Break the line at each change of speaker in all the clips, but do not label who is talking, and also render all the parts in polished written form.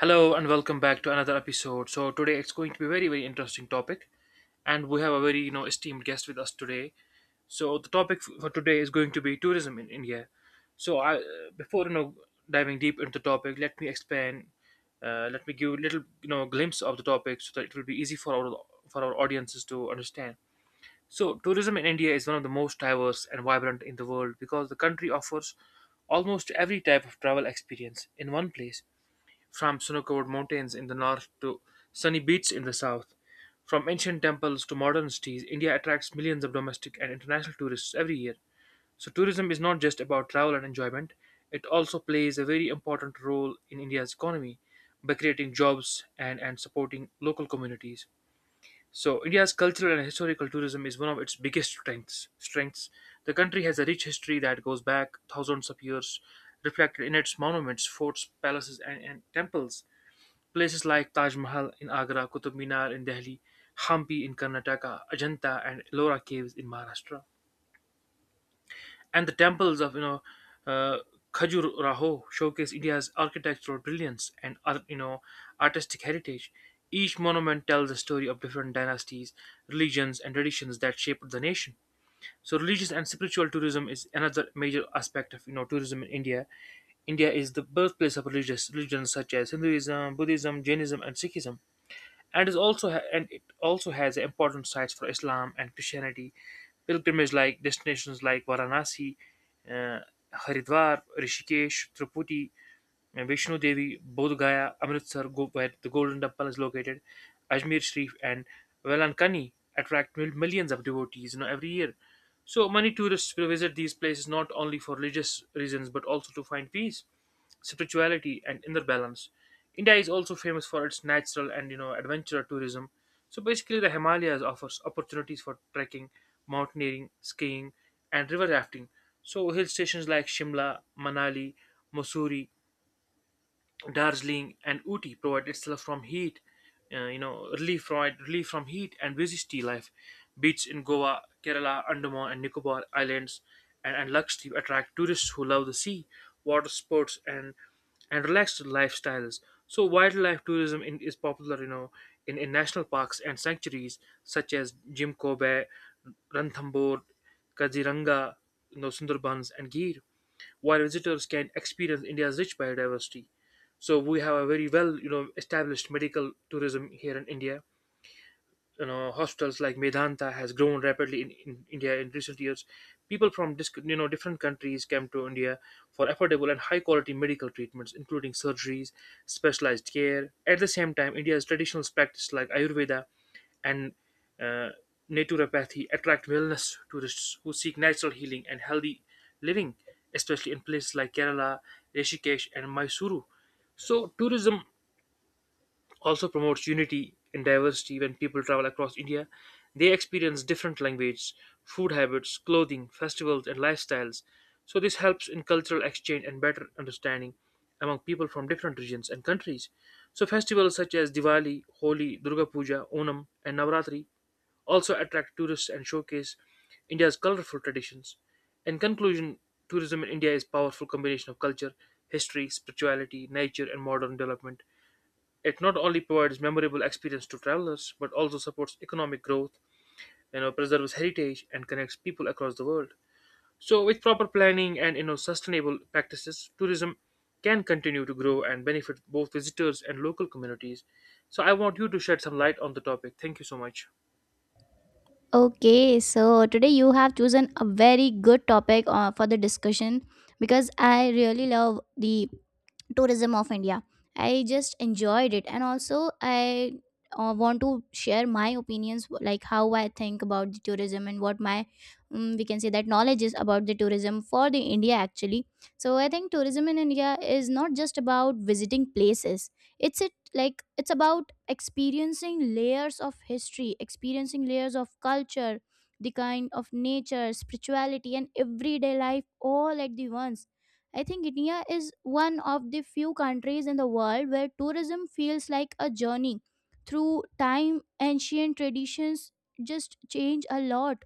Hello and welcome back to another episode. So today it's going to be a very interesting topic, and we have a very esteemed guest with us today. So the topic for today is going to be tourism in India. So before diving deep into the topic, let me explain. Let me give a little glimpse of the topic so that it will be easy for our audiences to understand. So tourism in India is one of the most diverse and vibrant in the world because the country offers almost every type of travel experience in one place, from snow-covered mountains in the north to sunny beaches in the south, from ancient temples to modern cities. India attracts millions of domestic and international tourists every year. So tourism is not just about travel and enjoyment, it also plays a very important role in India's economy by creating jobs and supporting local communities. So India's cultural and historical tourism is one of its biggest strengths. The country has a rich history that goes back thousands of years, reflected in its monuments, forts, palaces, and temples. Places like Taj Mahal in Agra, Qutub Minar in Delhi, Hampi in Karnataka, Ajanta and Ellora caves in Maharashtra, and the temples of uh, Khajuraho showcase India's architectural brilliance and artistic heritage. Each monument tells a story of different dynasties, religions, and traditions that shaped the nation. So, religious and spiritual tourism is another major aspect of tourism in India. India is the birthplace of religious religions such as Hinduism, Buddhism, Jainism, and Sikhism, and it also has important sites for Islam and Christianity. Pilgrimage like destinations like Varanasi, uh, Haridwar, Rishikesh, Triputi, and Vishnu Devi, Bodh Gaya, Amritsar, where the Golden Temple is located, Ajmer Sharif, and Velankani attract millions of devotees, every year. So many tourists will visit these places not only for religious reasons but also to find peace, spirituality, and inner balance. India is also famous for its natural and adventure tourism. So basically, the Himalayas offers opportunities for trekking, mountaineering, skiing, and river rafting. So hill stations like Shimla, Manali, Mussoorie, Darjeeling, and Uti provide itself from heat, you know, relief provide relief from heat and busy tea life. Beaches in Goa, Kerala, Andaman and Nicobar Islands, and Lakshadweep attract tourists who love the sea, water sports, and relaxed lifestyles. So wildlife is popular, in national parks and sanctuaries such as Jim Kobe, Ranthambore, Kaziranga, Sundarbans, and Gir, while visitors can experience India's rich biodiversity. So we have a very well, established medical tourism here in India. You know, hostels like Medanta has grown rapidly in India in recent years. People from different countries came to India for affordable and high quality medical treatments, including surgeries, specialized care. At the same time, India's traditional practice like Ayurveda and uh, naturopathy attract wellness tourists who seek natural healing and healthy living, especially in places like Kerala, Rishikesh, and Mysuru. So tourism also promotes unity and diversity when people travel across India. They experience different languages, food habits, clothing, festivals, and lifestyles. So, this helps in cultural exchange and better understanding among people from different regions and countries. So, festivals such as Diwali, Holi, Durga Puja, Onam, and Navratri also attract tourists and showcase India's colorful traditions. In conclusion, tourism in India is a powerful combination of culture, history, spirituality, nature, and modern development. It not only provides memorable experience to travelers, but also supports economic growth, preserves heritage, and connects people across the world. So, with proper planning and sustainable practices, tourism can continue to grow and benefit both visitors and local communities. So, I want you to shed some light on the topic. Thank you so much.
Okay, so today you have chosen a very good topic for the discussion because I really love the tourism of India. I just enjoyed it, and also I want to share my opinions, like how I think about the tourism and what my we can say that knowledge is about the tourism for the India actually. So I think tourism in India is not just about visiting places. It's it like It's about experiencing layers of history, experiencing layers of culture, the kind of nature, spirituality, and everyday life all at the once. I think India is one of the few countries in the world where tourism feels like a journey through time. Ancient traditions just change a lot,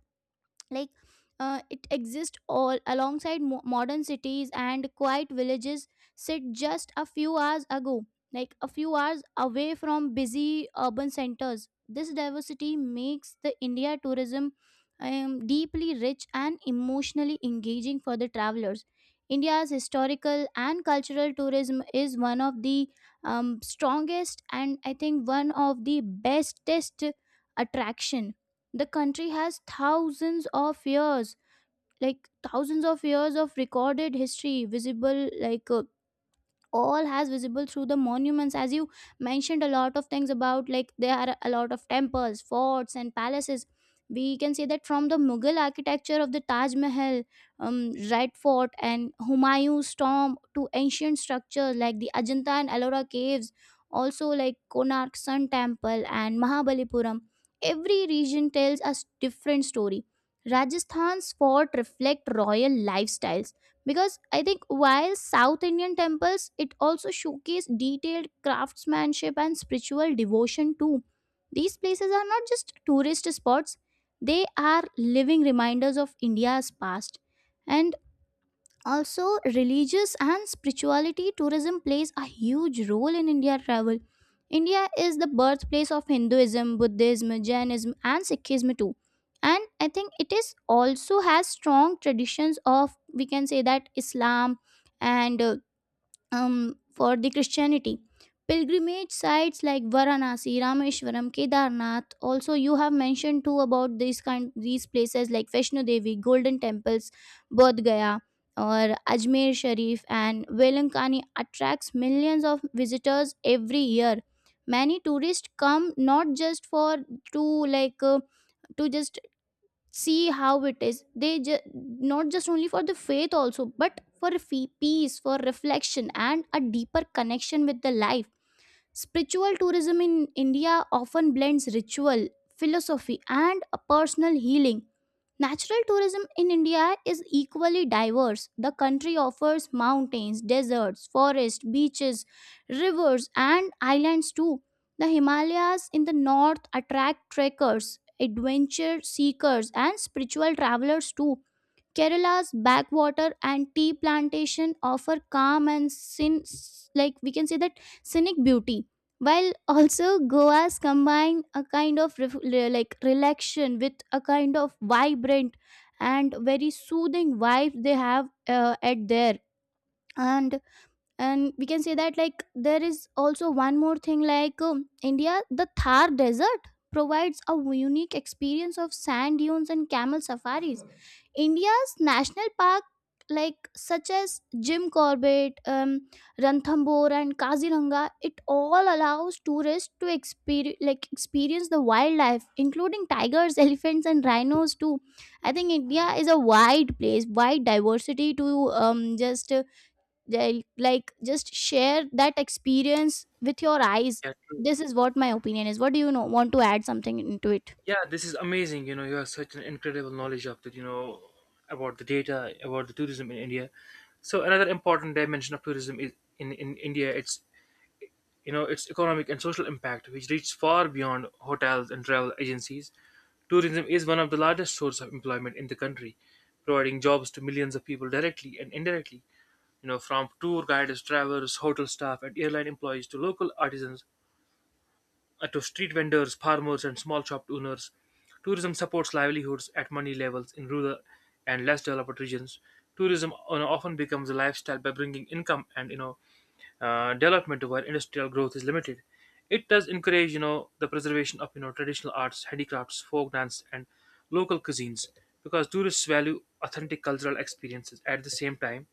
like it exists all alongside modern cities and quiet villages sit just a few hours ago, like a few hours away from busy urban centers. This diversity makes the india tourism deeply rich and emotionally engaging for the travelers. India's historical and cultural tourism is one of the strongest, and I think one of the bestest attraction. The country has thousands of years, like thousands of years of recorded history visible, all has visible through the monuments. As you mentioned a lot of things about, like, there are a lot of temples, forts and palaces. We can say that from the mughal architecture of the taj mahal, red fort and humayun's tomb to ancient structures like the ajanta and ellora caves, also like konark sun temple and mahabalipuram, every region tells us different story. Rajasthan's fort reflect royal lifestyles, because I think while south indian temples it also showcase detailed craftsmanship and spiritual devotion too. These places are not just tourist spots, they are living reminders of india's past. And also, religious and spirituality tourism plays a huge role in India travel. India is the birthplace of Hinduism, Buddhism, Jainism, and Sikhism too. And I think it is also has strong traditions of we can say that Islam and for the Christianity. Pilgrimage sites like Varanasi, Rameshwaram, Kedarnath. Also, you have mentioned too about these kind these places like Vaishno Devi, Golden Temples, Bodh Gaya, or Ajmer Sharif and Velankani attracts millions of visitors every year. Many tourists come not just for to to just see how it is, they not just only for the faith also but for peace, for reflection and a deeper connection with the life. Spiritual tourism in India often blends ritual, philosophy, and a personal healing. Natural tourism in India is equally diverse. The country offers mountains, deserts, forests, beaches, rivers, and islands too. The Himalayas in the north attract trekkers, adventure seekers, and spiritual travelers too. Kerala's backwater and tea plantation offer calm and sin like we can say that scenic beauty. While also Goa's combine a kind of like relaxation with a kind of vibrant and very soothing vibe they have at there. And and we can say that, like, there is also one more thing like, india, the thar desert provides a unique experience of sand dunes and camel safaris. India's national park, like such as jim corbett, ranthambore and kaziranga, it all allows tourists to experience like experience the wildlife, including tigers elephants and rhinos too. I think india is a wide place, wide diversity to just like just share that experience with your eyes.
Yeah, true.
This is what my opinion is. What do you know want to add something into it?
Yeah, this is amazing. You know, you have such an incredible knowledge of that. You know, about the data about the tourism in India. So another important dimension of tourism is in India. It's its economic and social impact which reaches far beyond hotels and travel agencies. Tourism is one of the largest sources of employment in the country, providing jobs to millions of people directly and indirectly, from tour guides, travelers, hotel staff, and airline employees to local artisans, to street vendors, farmers, and small shop owners. Tourism supports livelihoods at money levels in rural and less developed regions. Tourism often becomes a lifestyle by bringing income and development where industrial growth is limited. It does encourage, the preservation of traditional arts, handicrafts, folk dance, and local cuisines, because tourists value authentic cultural experiences. At the same time,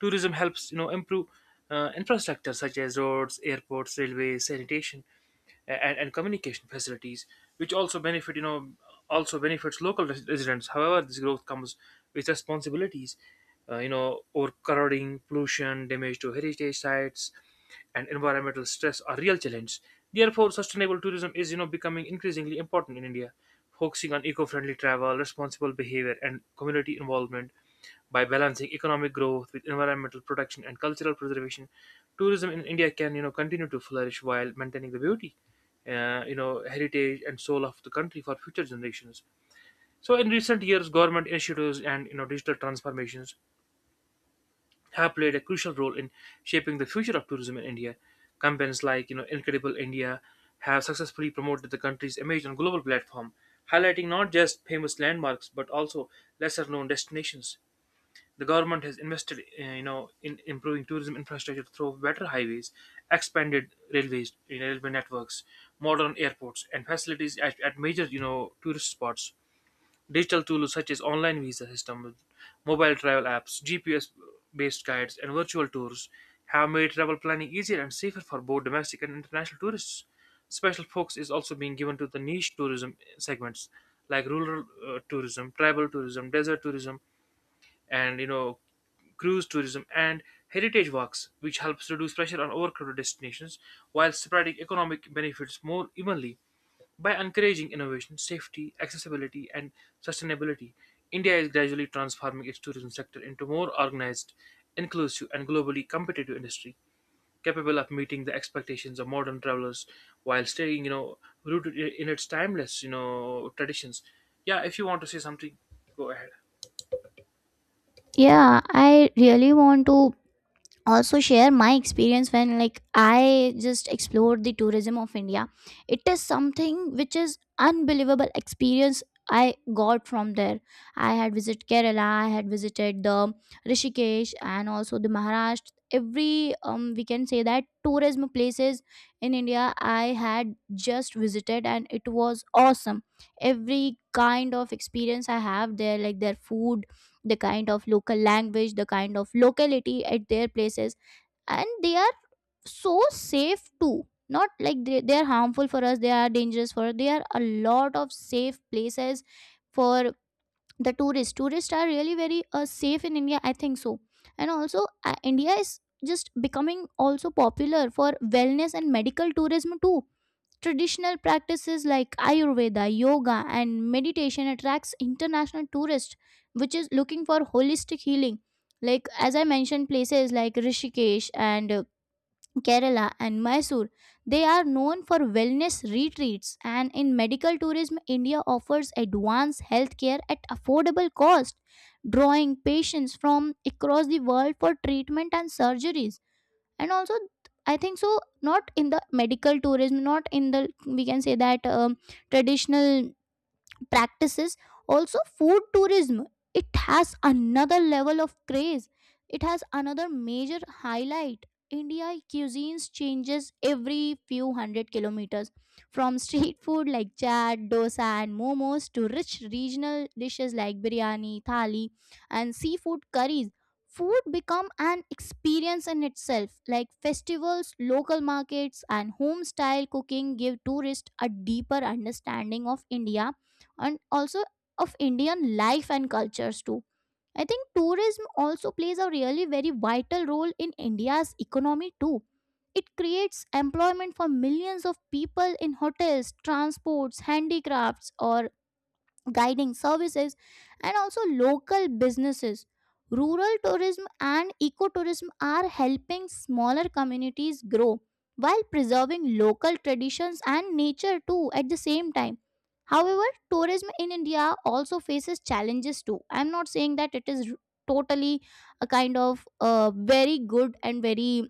tourism helps, improve infrastructure such as roads, airports, railways, sanitation, and communication facilities, which also benefits local residents. However, this growth comes with responsibilities. Overcrowding, pollution, damage to heritage sites, and environmental stress are real challenges. Therefore, sustainable tourism is becoming increasingly important in India, focusing on eco-friendly travel, responsible behavior, and community involvement. By balancing economic growth with environmental protection and cultural preservation, tourism in India can continue to flourish while maintaining the beauty, heritage, and soul of the country for future generations. So, in recent years, government initiatives and digital transformations have played a crucial role in shaping the future of tourism in India. Campaigns like Incredible India have successfully promoted the country's image on global platform, highlighting not just famous landmarks but also lesser-known destinations. The government has invested, in improving tourism infrastructure through better highways, expanded railways, railway networks, modern airports, and facilities at major, tourist spots. Digital tools such as online visa systems, mobile travel apps, GPS-based guides, and virtual tours have made travel planning easier and safer for both domestic and international tourists. Special focus is also being given to the niche tourism segments like rural tourism, tribal tourism, desert tourism, and cruise tourism and heritage walks, which helps reduce pressure on overcrowded destinations while spreading economic benefits more evenly. By encouraging innovation, safety, accessibility, and sustainability, India is gradually transforming its tourism sector into more organized, inclusive, and globally competitive industry, capable of meeting the expectations of modern travelers while staying rooted in its timeless traditions. Yeah, if you want to say something, go ahead.
Yeah, I really want to also share my experience when, like, I just explored the tourism of india. It is something which is unbelievable experience I got from there. I had visited kerala, I had visited the rishikesh and also the maharashtra. Every we can say that tourism places in india I had just visited, and it was awesome. Every kind of experience I have there, like their food, the kind of local language, the kind of locality at their places, and they are so safe too. Not like they are harmful for us, they are dangerous for us. They are a lot of safe places for the tourists. Tourists are really very safe in India, I think so. And also, India is just becoming also popular for wellness and medical tourism too. Traditional practices like Ayurveda, yoga, and meditation attracts international tourists, which is looking for holistic healing. Like as I mentioned, places like Rishikesh and Kerala and Mysore, they are known for wellness retreats. And in medical tourism, India offers advanced healthcare at affordable cost, drawing patients from across the world for treatment and surgeries. And also, I think so, not in the medical tourism, not in the we can say that traditional practices, also food tourism, it has another level of craze, it has another major highlight. India cuisines changes every few hundred kilometers. From street food like chaat, dosa and momos to rich regional dishes like biryani, thali and seafood curries, food become an experience in itself. Like festivals, local markets and home style cooking give tourists a deeper understanding of india, and also of Indian life and cultures too. I think tourism also plays a really very vital role in India's economy too. It creates employment for millions of people in hotels, transports, handicrafts, or guiding services, and also local businesses. Rural tourism and ecotourism are helping smaller communities grow while preserving local traditions and nature too at the same time. However, tourism in India also faces challenges too. I'm not saying that it is totally a kind of very good and very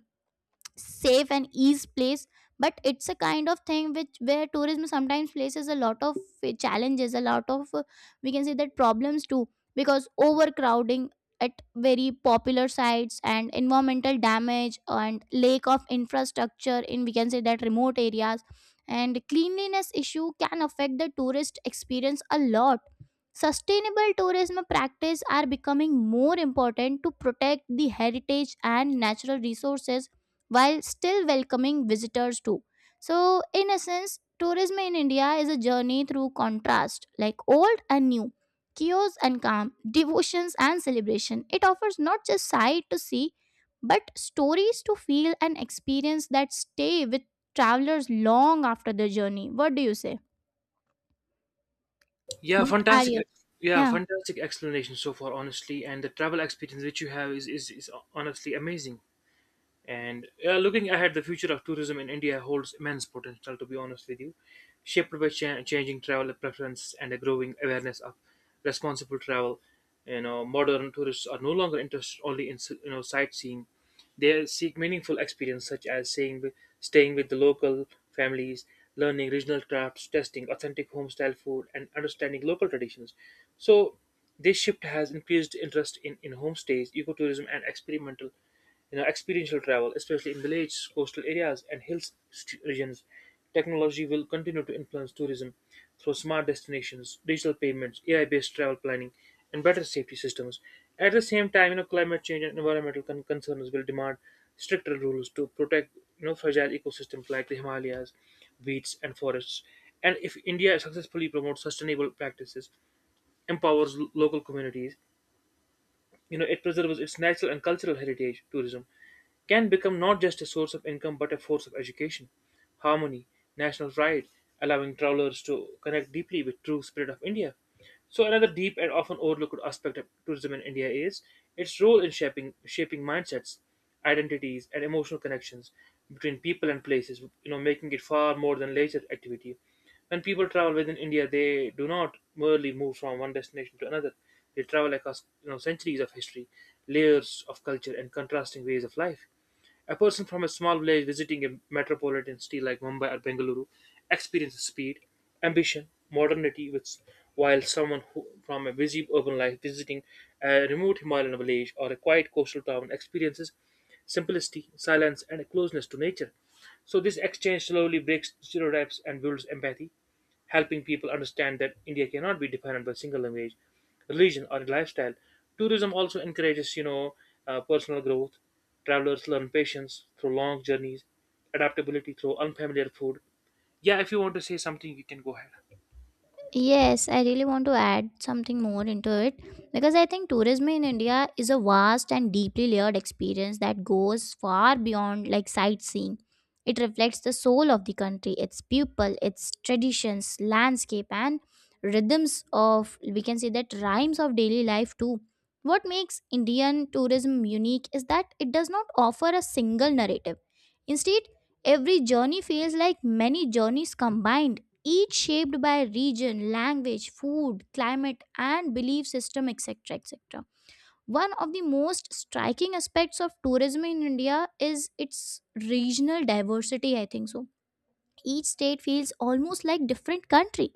safe and ease place, but it's a kind of thing which where tourism sometimes places a lot of challenges, a lot of we can say that problems too, because overcrowding at very popular sites, and environmental damage, and lack of infrastructure in we can say that remote areas, and cleanliness issue can affect the tourist experience a lot. Sustainable tourism practice are becoming more important to protect the heritage and natural resources while still welcoming visitors too. So, in essence, tourism in India is a journey through contrast, like old and new, chaos and calm, devotions and celebration. It offers not just sight to see, but stories to feel and experience that stay with travelers long after the journey. What do you say?
Yeah,
What are
fantastic.
your,
Yeah,
yeah?
fantastic explanation so far, honestly. And the travel experience which you have is honestly amazing. And looking ahead, the future of tourism in India holds immense potential, to be honest with you, shaped by changing travel preferences and a growing awareness of responsible travel. You know, modern tourists are no longer interested only in sightseeing; they seek meaningful experience such as staying with the local families, learning regional crafts, testing authentic home-style food, and understanding local traditions. So, this shift has increased interest in homestays, ecotourism, and experimental, experiential travel, especially in villages, coastal areas, and hill regions. Technology will continue to influence tourism through smart destinations, digital payments, AI-based travel planning, and better safety systems. At the same time, you know, climate change and environmental concerns will demand stricter rules to protect fragile ecosystems like the Himalayas, beaches, and forests. And if India successfully promotes sustainable practices, empowers local communities, it preserves its natural and cultural heritage, tourism can become not just a source of income but a force of education, harmony, national pride, allowing travelers to connect deeply with true spirit of India. So another deep and often overlooked aspect of tourism in India is its role in shaping mindsets, identities, and emotional connections between people and places, making it far more than leisure activity. When people travel within India, they do not merely move from one destination to another. They travel across centuries of history, layers of culture, and contrasting ways of life. A person from a small village visiting a metropolitan city like Mumbai or Bengaluru experiences speed, ambition, modernity, which, while someone who, from a busy urban life visiting a remote Himalayan village or a quiet coastal town experiences simplicity, silence, and a closeness to nature. So this exchange slowly breaks stereotypes and builds empathy, helping people understand that India cannot be defined by single language, religion, or lifestyle. Tourism also encourages, personal growth. Travelers learn patience through long journeys, adaptability through unfamiliar food. Yeah, if you want to say something, you can go ahead.
Yes, I really want to add something more into it, because I think tourism in India is a vast and deeply layered experience that goes far beyond like sightseeing. It reflects the soul of the country, its people, its traditions, landscape, and rhythms of we can say that rhymes of daily life too. What makes Indian tourism unique is that it does not offer a single narrative. Instead, every journey feels like many journeys combined, each shaped by region, language, food, climate, and belief system, etc. etc. One of the most striking aspects of tourism in India is its regional diversity, I think so. Each state feels almost like different country.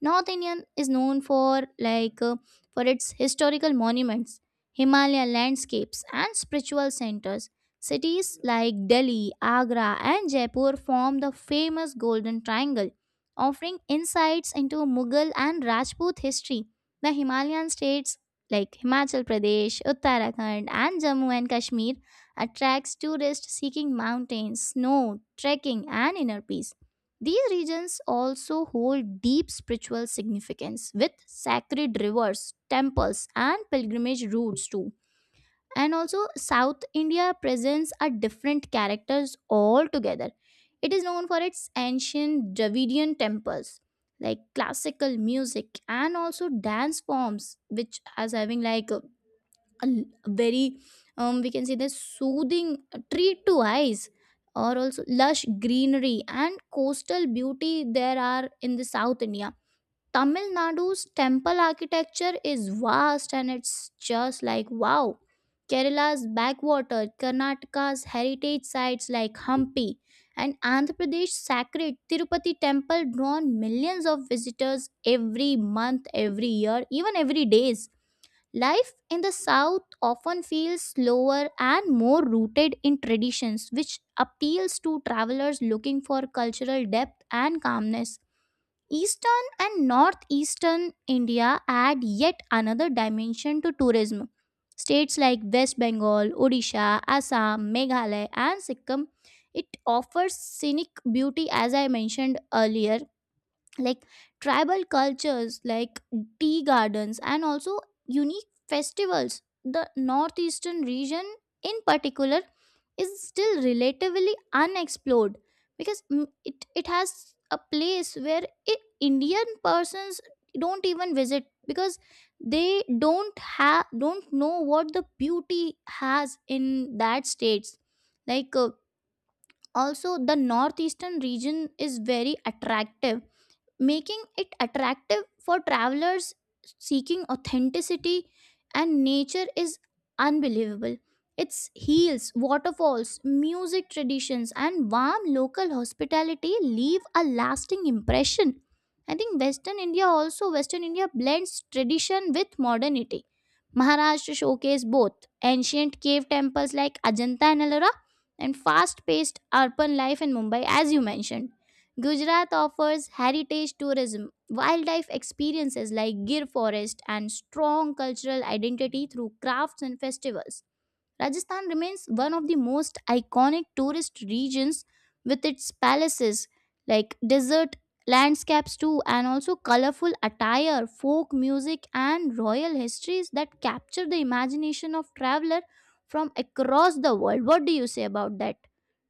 North Indian is known for, like uh, for its historical monuments, Himalaya landscapes and spiritual centers. Cities like Delhi, Agra and Jaipur form the famous Golden Triangle, offering insights into Mughal and Rajput history. The Himalayan states like Himachal Pradesh, Uttarakhand and Jammu and Kashmir attracts tourists seeking mountains, snow, trekking and inner peace. These regions also hold deep spiritual significance with sacred rivers, temples, and pilgrimage routes too. And also, South India presents a different characters altogether. It is known for its ancient Dravidian temples, like classical music, and also dance forms, which as having a l- very we can say the soothing treat to eyes, or also lush greenery and coastal beauty there are in the south india. Tamil nadu's temple architecture is vast, and it's just like wow. Kerala's backwater, karnataka's heritage sites like hampi, and andhra pradesh sacred tirupati temple drawn millions of visitors every month, every year, even every days. Life in the South often feels slower and more rooted in traditions, which appeals to travelers looking for cultural depth and calmness. Eastern and northeastern India add yet another dimension to tourism. States like West Bengal, Odisha, Assam, Meghalaya, and Sikkim, it offers scenic beauty as I mentioned earlier, like tribal cultures, like tea gardens, and also unique festivals. The northeastern region in particular is still relatively unexplored because it has a place where Indian persons don't even visit because they don't know what the beauty has in that states. like uh, Also, the northeastern region is very attractive, making it attractive for travelers seeking authenticity, and nature is unbelievable. Its hills, waterfalls, music, traditions, and warm local hospitality leave a lasting impression. I think western india also western india blends tradition with modernity. Maharashtra showcase both ancient cave temples like Ajanta and Ellora, and fast paced urban life in Mumbai, as you mentioned. Gujarat offers heritage tourism, wildlife experiences like Gir Forest, and strong cultural identity through crafts and festivals. Rajasthan remains one of the most iconic tourist regions with its palaces, like desert landscapes, too, and also colorful attire, folk music, and royal histories that capture the imagination of traveler from across the world. What do you say about that?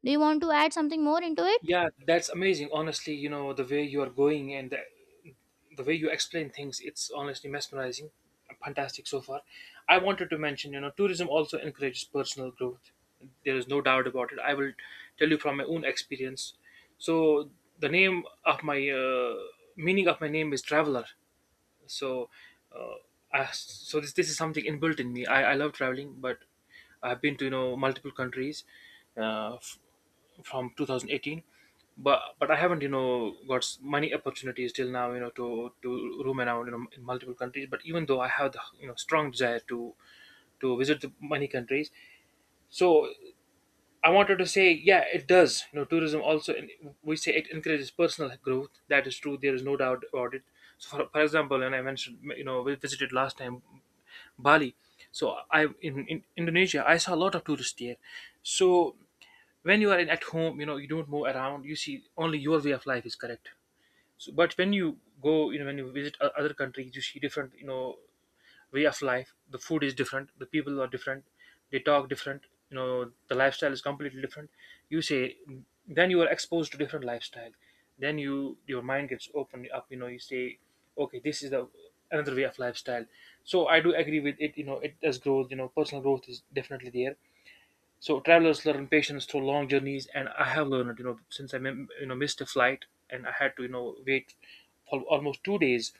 Do you want to add something more into it?
Yeah, that's amazing. Honestly, the way you are going and the way you explain things, it's honestly mesmerizing, fantastic so far. I wanted to mention, tourism also encourages personal growth. There is no doubt about it. I will tell you from my own experience. So the name of my meaning of my name is traveler. So uh, so this is something inbuilt in me. I love traveling, but I've been to, multiple countries uh, f- from 2018. But I haven't, many opportunities till now, to roam around, in multiple countries, but even though I have the, strong desire to visit the many countries. So I wanted to say, yeah, it does, tourism also we say it encourages personal growth. That is true. There is no doubt about it. So for example, when I mentioned, we visited last time Bali. So I in Indonesia, I saw a lot of tourists there. So when you are at home, you know you don't move around. You see only your way of life is correct. So but when you go, you know, when you visit other countries, you see different, way of life. The food is different, the people are different, they talk different, you know, the lifestyle is completely different, you say. Then you are exposed to different lifestyle. Then your mind gets opened up. You know, you say okay, this is the another way of lifestyle. So I do agree with it. You know, it does growth. You know, personal growth is definitely there. So travelers learn patience through long journeys, and I have learned, you know, since I missed a flight, and I had to, you know, wait for almost 2 days,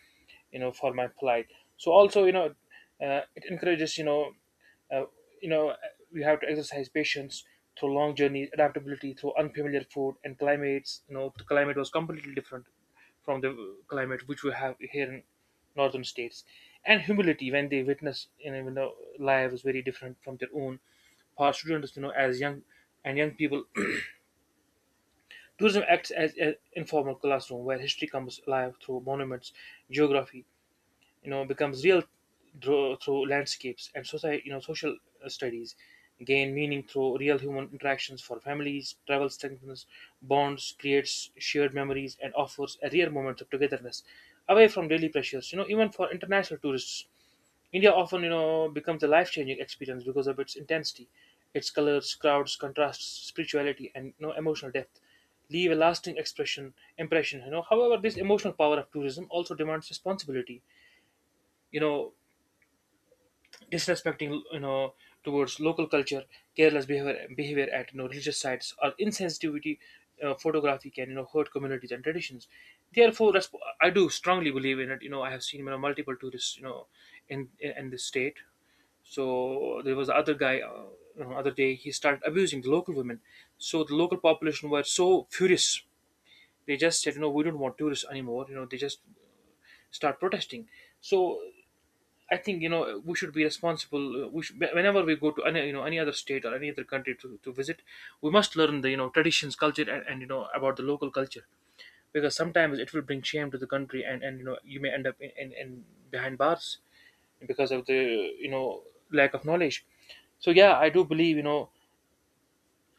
you know, for my flight. So also, you know, it encourages, uh, you know, we have to exercise patience through long journeys, adaptability through unfamiliar food and climates. You know, the climate was completely different from the climate which we have here in northern states, and humility when they witness, you know, when the life is very different from their own, for students, you know, as young and young people. Tourism acts as an informal classroom where history comes alive through monuments, geography, you know, becomes real through, landscapes, and society, you know, social studies gain meaning through real human interactions for families. Travel strengthens bonds, creates shared memories, and offers a rare moment of togetherness away from daily pressures. You know, even for international tourists, India often, you know, becomes a life-changing experience because of its intensity, its colors, crowds, contrasts, spirituality, and, you know, emotional depth leave a lasting expression impression. You know, however, this emotional power of tourism also demands responsibility. You know, disrespecting, you know, towards local culture, careless behavior at, you know, religious sites, or insensitivity photography can, you know, hurt communities and traditions. Therefore, I do strongly believe in it. You know, I have seen, you know, multiple tourists, you know, in in this state. So there was the other guy, other day he started abusing the local women. So the local population were so furious. They just said, you know, we don't want tourists anymore. You know, they just start protesting. So I think, you know, we should be responsible. We should, whenever we go to any, you know, any other state or any other country to, visit, we must learn the, you know, traditions, culture, and, you know, about the local culture, because sometimes it will bring shame to the country, and, you know, you may end up in behind bars because of the, you know, lack of knowledge. So yeah, I do believe, you know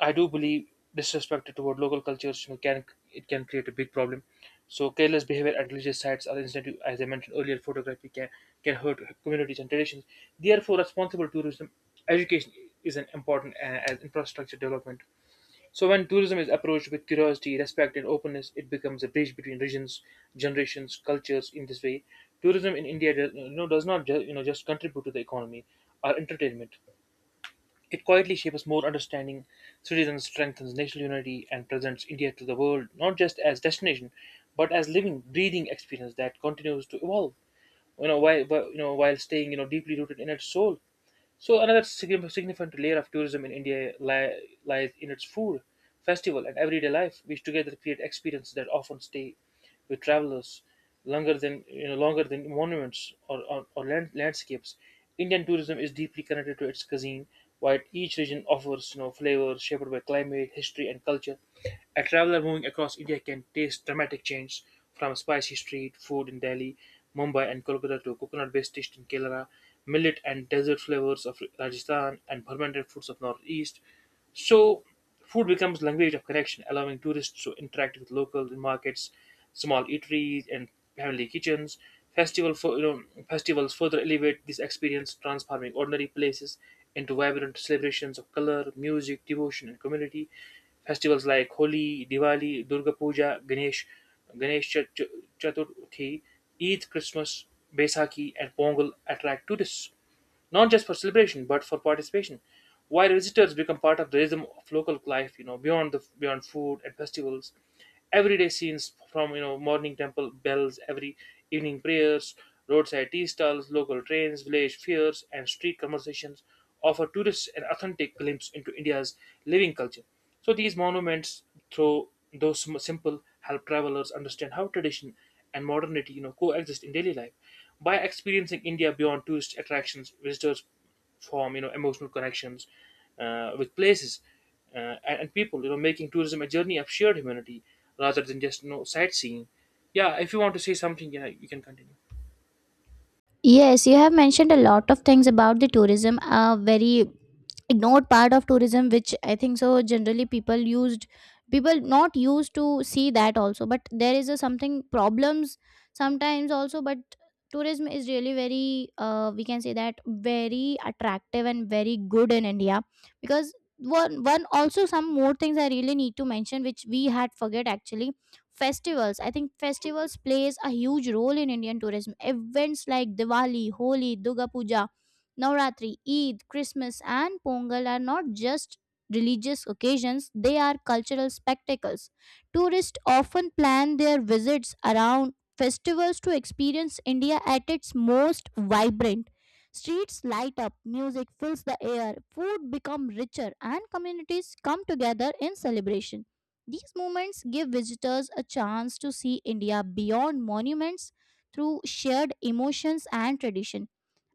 I do believe Disrespect toward local cultures, you know, can — it can create a big problem. So careless behavior at religious sites are incentive, as I mentioned earlier, photography can, hurt communities and traditions. Therefore, responsible tourism education is an important as infrastructure development. So when tourism is approached with curiosity, respect, and openness, it becomes a bridge between regions, generations, cultures. In this way, tourism in India does, you know, does not just contribute to the economy or entertainment. It quietly shapes more understanding, citizens, strengthens national unity, and presents India to the world, not just as destination, but as living, breathing experience that continues to evolve. You know, while staying, you know, deeply rooted in its soul. So another significant layer of tourism in India lies in its food, festival, and everyday life, which together create experiences that often stay with travelers longer than, longer than monuments, or, land, landscapes. Indian tourism is deeply connected to its cuisine, while each region offers, you know, flavors shaped by climate, history, and culture. A traveler moving across India can taste dramatic change from spicy street food in Delhi, Mumbai, and Kolkata to coconut based dishes in Kerala, millet and desert flavors of Rajasthan, and fermented foods of Northeast. So food becomes language of connection, allowing tourists to interact with locals in markets, small eateries, and family kitchens. Festival for, you know, festivals further elevate this experience, transforming ordinary places into vibrant celebrations of color, music, devotion, and community. Festivals like Holi, Diwali, Durga Puja, Ganesh Chaturthi, Eid, Christmas, Baisakhi, and Pongal attract tourists, not just for celebration but for participation. While visitors become part of the rhythm of local life, you know, beyond food and festivals, everyday scenes from, you know, morning temple bells, every evening prayers, roadside tea stalls, local trains, village fairs, and street conversations offer tourists an authentic glimpse into India's living culture. So these monuments, through though simple, help travelers understand how tradition and modernity, you know, coexist in daily life. By experiencing India beyond tourist attractions, visitors form, you know, emotional connections with places and people. You know, making tourism a journey of shared humanity rather than just, you know, sightseeing. Yeah, if you want to say something, yeah, you can continue.
Yes, you have mentioned a lot of things about the tourism. A very ignored part of tourism, which I think so generally people used, people not used to see that also. But there is a something problems sometimes also. But tourism is really very, we can say that, very attractive and very good in India, because one also some more things I really need to mention which we had forget actually. Festivals, I think festivals plays a huge role in Indian tourism. Events like Diwali, Holi, Durga Puja, Navratri, Eid, Christmas, and Pongal are not just religious occasions, they are cultural spectacles. Tourists often plan their visits around festivals to experience India at its most vibrant. Streets light up, music fills the air, food become richer, and communities come together in celebration. These moments give visitors a chance to see India beyond monuments, through shared emotions and tradition.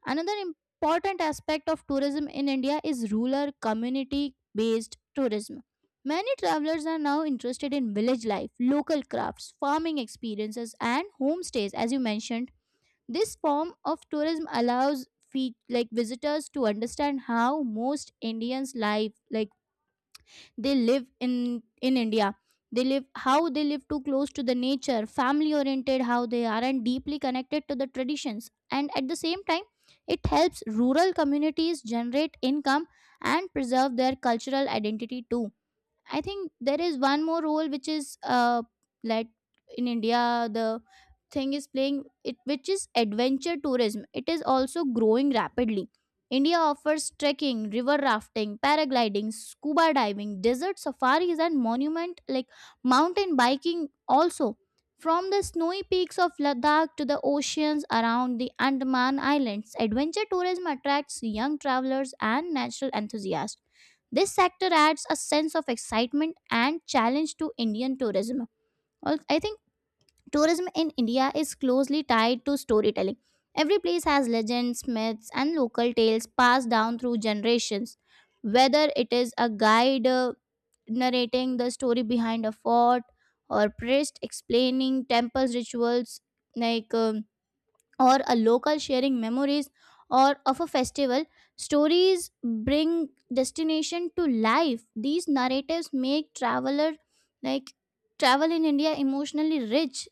Another important aspect of tourism in India is rural community based tourism. Many travelers are now interested in village life, local crafts, farming experiences, and homestays, as you mentioned. This form of tourism allows visitors to understand how most Indians live, like they live in India. They live how they live, too close to the nature, family oriented how they are, and deeply connected to the traditions. And at the same time, it helps rural communities generate income and preserve their cultural identity too. I think there is one more role which is like in India the thing is playing it, which is adventure tourism. It is also growing rapidly. India offers trekking, river rafting, paragliding, scuba diving, desert safaris, and monument like mountain biking also. From the snowy peaks of Ladakh to the oceans around the Andaman Islands, adventure tourism attracts young travelers and natural enthusiasts. This sector adds a sense of excitement and challenge to Indian tourism. I think tourism in India is closely tied to storytelling. Every place has legends, myths, and local tales passed down through generations. Whether it is a guide narrating the story behind a fort, or priest explaining temples rituals, like um, or a local sharing memories or of a festival, stories bring destination to life. These narratives make traveler, like travel in India, emotionally rich.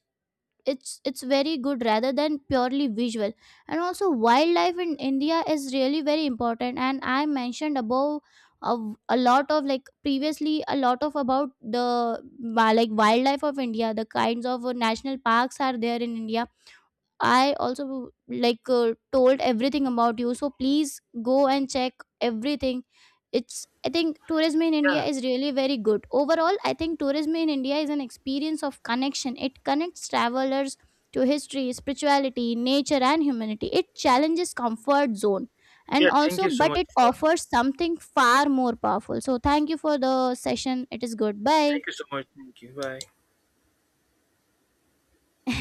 It's very good rather than purely visual. And also, wildlife in India is really very important, and I mentioned above of a lot of, like previously, a lot of about the wildlife of India, the kinds of national parks are there in India. I also like told everything about you. So please go and check everything. It's, I think, tourism in India
Yeah,
is really very good. Overall, I think tourism in India is an experience of connection. It connects travelers to history, spirituality, nature, and humanity. It challenges comfort zone, and
yeah. Thank
also,
you so
but
much
it
for.
offers something far more powerful. So thank you for the session. It is good. Bye.
Thank you so much. Thank you. Bye.